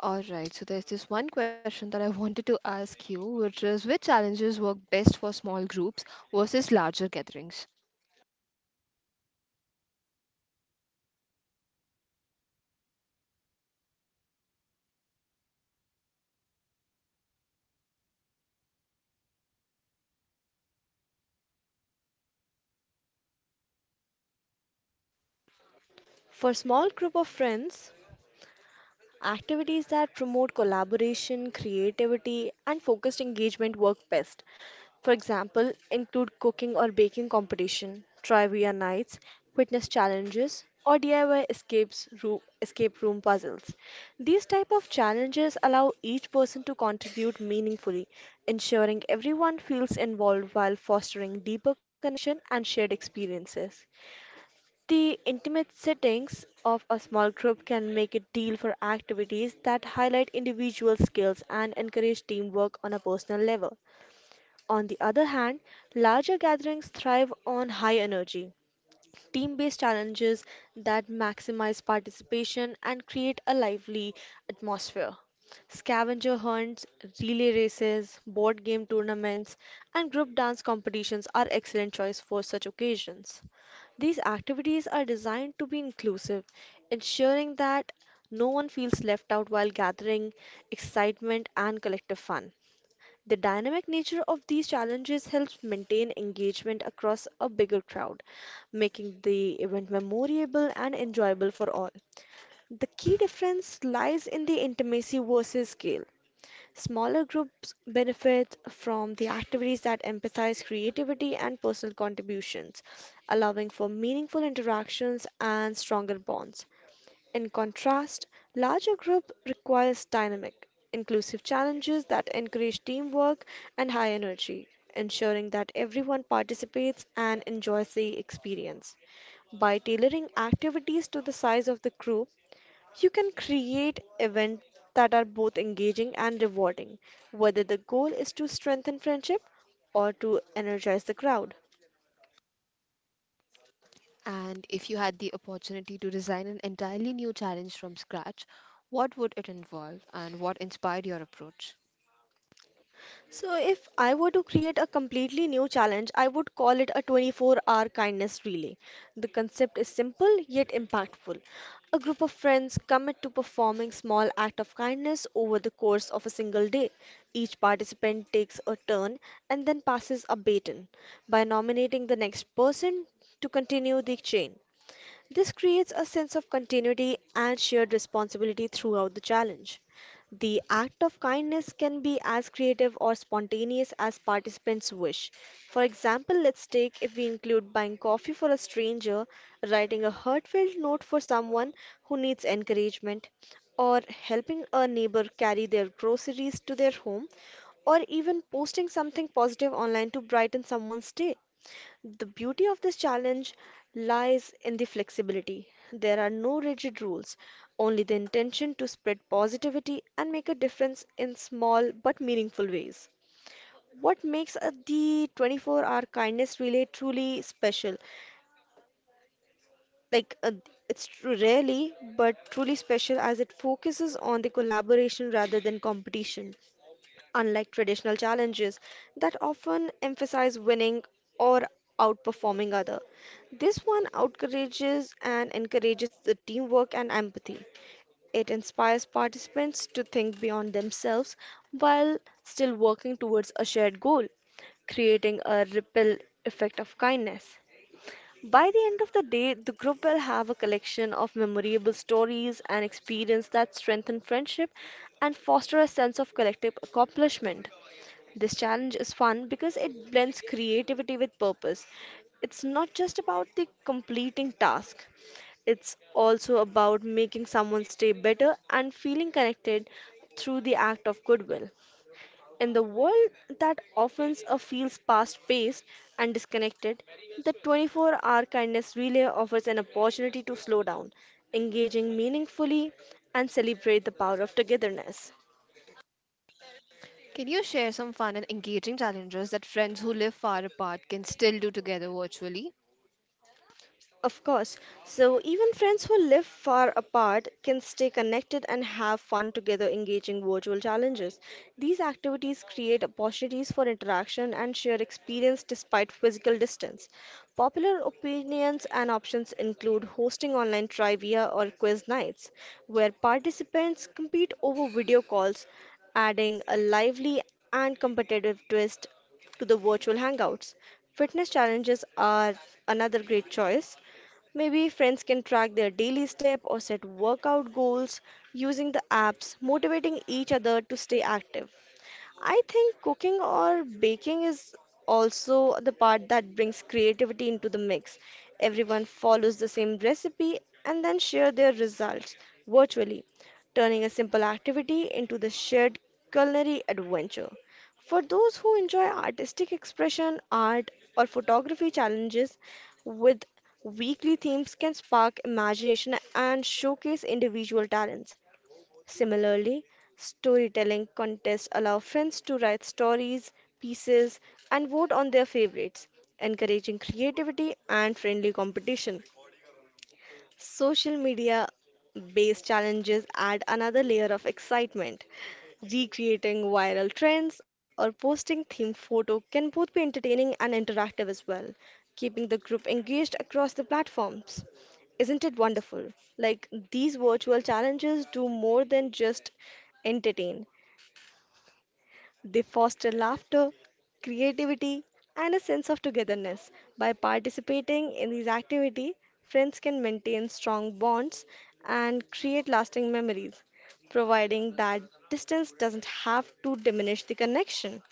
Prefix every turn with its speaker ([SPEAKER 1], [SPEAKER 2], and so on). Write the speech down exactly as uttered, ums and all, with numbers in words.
[SPEAKER 1] All right, so there's this one question that I wanted to ask you, which is which challenges work best for small groups versus larger gatherings?
[SPEAKER 2] For small group of friends, activities that promote collaboration, creativity, and focused engagement work best. For example, include cooking or baking competition, trivia nights, fitness challenges, or D I Y escapes room, escape room puzzles. These type of challenges allow each person to contribute meaningfully, ensuring everyone feels involved while fostering deeper connection and shared experiences. The intimate settings of a small group can make a deal for activities that highlight individual skills and encourage teamwork on a personal level. On the other hand, larger gatherings thrive on high energy, team based challenges that maximize participation and create a lively atmosphere. Scavenger hunts, relay races, board game tournaments, and group dance competitions are excellent choice for such occasions. These activities are designed to be inclusive, ensuring that no one feels left out while gathering excitement and collective fun. The dynamic nature of these challenges helps maintain engagement across a bigger crowd, making the event memorable and enjoyable for all. The key difference lies in the intimacy versus scale. Smaller groups benefit from the activities that emphasize creativity and personal contributions, allowing for meaningful interactions and stronger bonds. In contrast, larger group requires dynamic, inclusive challenges that encourage teamwork and high energy, ensuring that everyone participates and enjoys the experience. By tailoring activities to the size of the group, you can create events that are both engaging and rewarding, whether the goal is to strengthen friendship or to energize the crowd.
[SPEAKER 1] And if you had the opportunity to design an entirely new challenge from scratch, what would it involve and what inspired your approach?
[SPEAKER 2] So, if I were to create a completely new challenge, I would call it a twenty-four hour kindness relay. The concept is simple yet impactful. A group of friends commit to performing small act of kindness over the course of a single day. Each participant takes a turn and then passes a baton by nominating the next person to continue the chain. This creates a sense of continuity and shared responsibility throughout the challenge. The act of kindness can be as creative or spontaneous as participants wish. For example, let's take if we include buying coffee for a stranger, writing a heartfelt note for someone who needs encouragement, or helping a neighbor carry their groceries to their home, or even posting something positive online to brighten someone's day. The beauty of this challenge lies in the flexibility. There are no rigid rules, only the intention to spread positivity and make a difference in small but meaningful ways. What makes uh, the twenty-four-hour kindness relay truly special? Like uh, it's tru- rarely but truly special as it focuses on the collaboration rather than competition. Unlike traditional challenges that often emphasize winning or outperforming other. This one encourages and encourages the teamwork and empathy. It inspires participants to think beyond themselves while still working towards a shared goal, creating a ripple effect of kindness. By the end of the day, the group will have a collection of memorable stories and experience that strengthen friendship and foster a sense of collective accomplishment. This challenge is fun because it blends creativity with purpose. It's not just about the completing task, it's also about making someone stay better and feeling connected through the act of goodwill. In the world that often uh, feels fast paced and disconnected, the twenty-four hour kindness relay offers an opportunity to slow down, engaging meaningfully, and celebrate the power of togetherness.
[SPEAKER 1] Can you share some fun and engaging challenges that friends who live far apart can still do together virtually?
[SPEAKER 2] Of course. So even friends who live far apart can stay connected and have fun together engaging virtual challenges. These activities create opportunities for interaction and shared experience despite physical distance. Popular opinions and options include hosting online trivia or quiz nights, where participants compete over video calls, adding a lively and competitive twist to the virtual hangouts. Fitness challenges are another great choice. Maybe friends can track their daily step or set workout goals using the apps, motivating each other to stay active. I think cooking or baking is also the part that brings creativity into the mix. Everyone follows the same recipe and then share their results virtually, turning a simple activity into the shared culinary adventure. For those who enjoy artistic expression, art, or photography challenges with weekly themes can spark imagination and showcase individual talents. Similarly, storytelling contests allow friends to write stories, pieces, and vote on their favorites, encouraging creativity and friendly competition. Social media based challenges add another layer of excitement. Recreating viral trends or posting themed photo can both be entertaining and interactive as well, keeping the group engaged across the platforms. Isn't it wonderful? Like these virtual challenges do more than just entertain. They foster laughter, creativity, and a sense of togetherness. By participating in these activities, friends can maintain strong bonds and create lasting memories, providing that distance doesn't have to diminish the connection.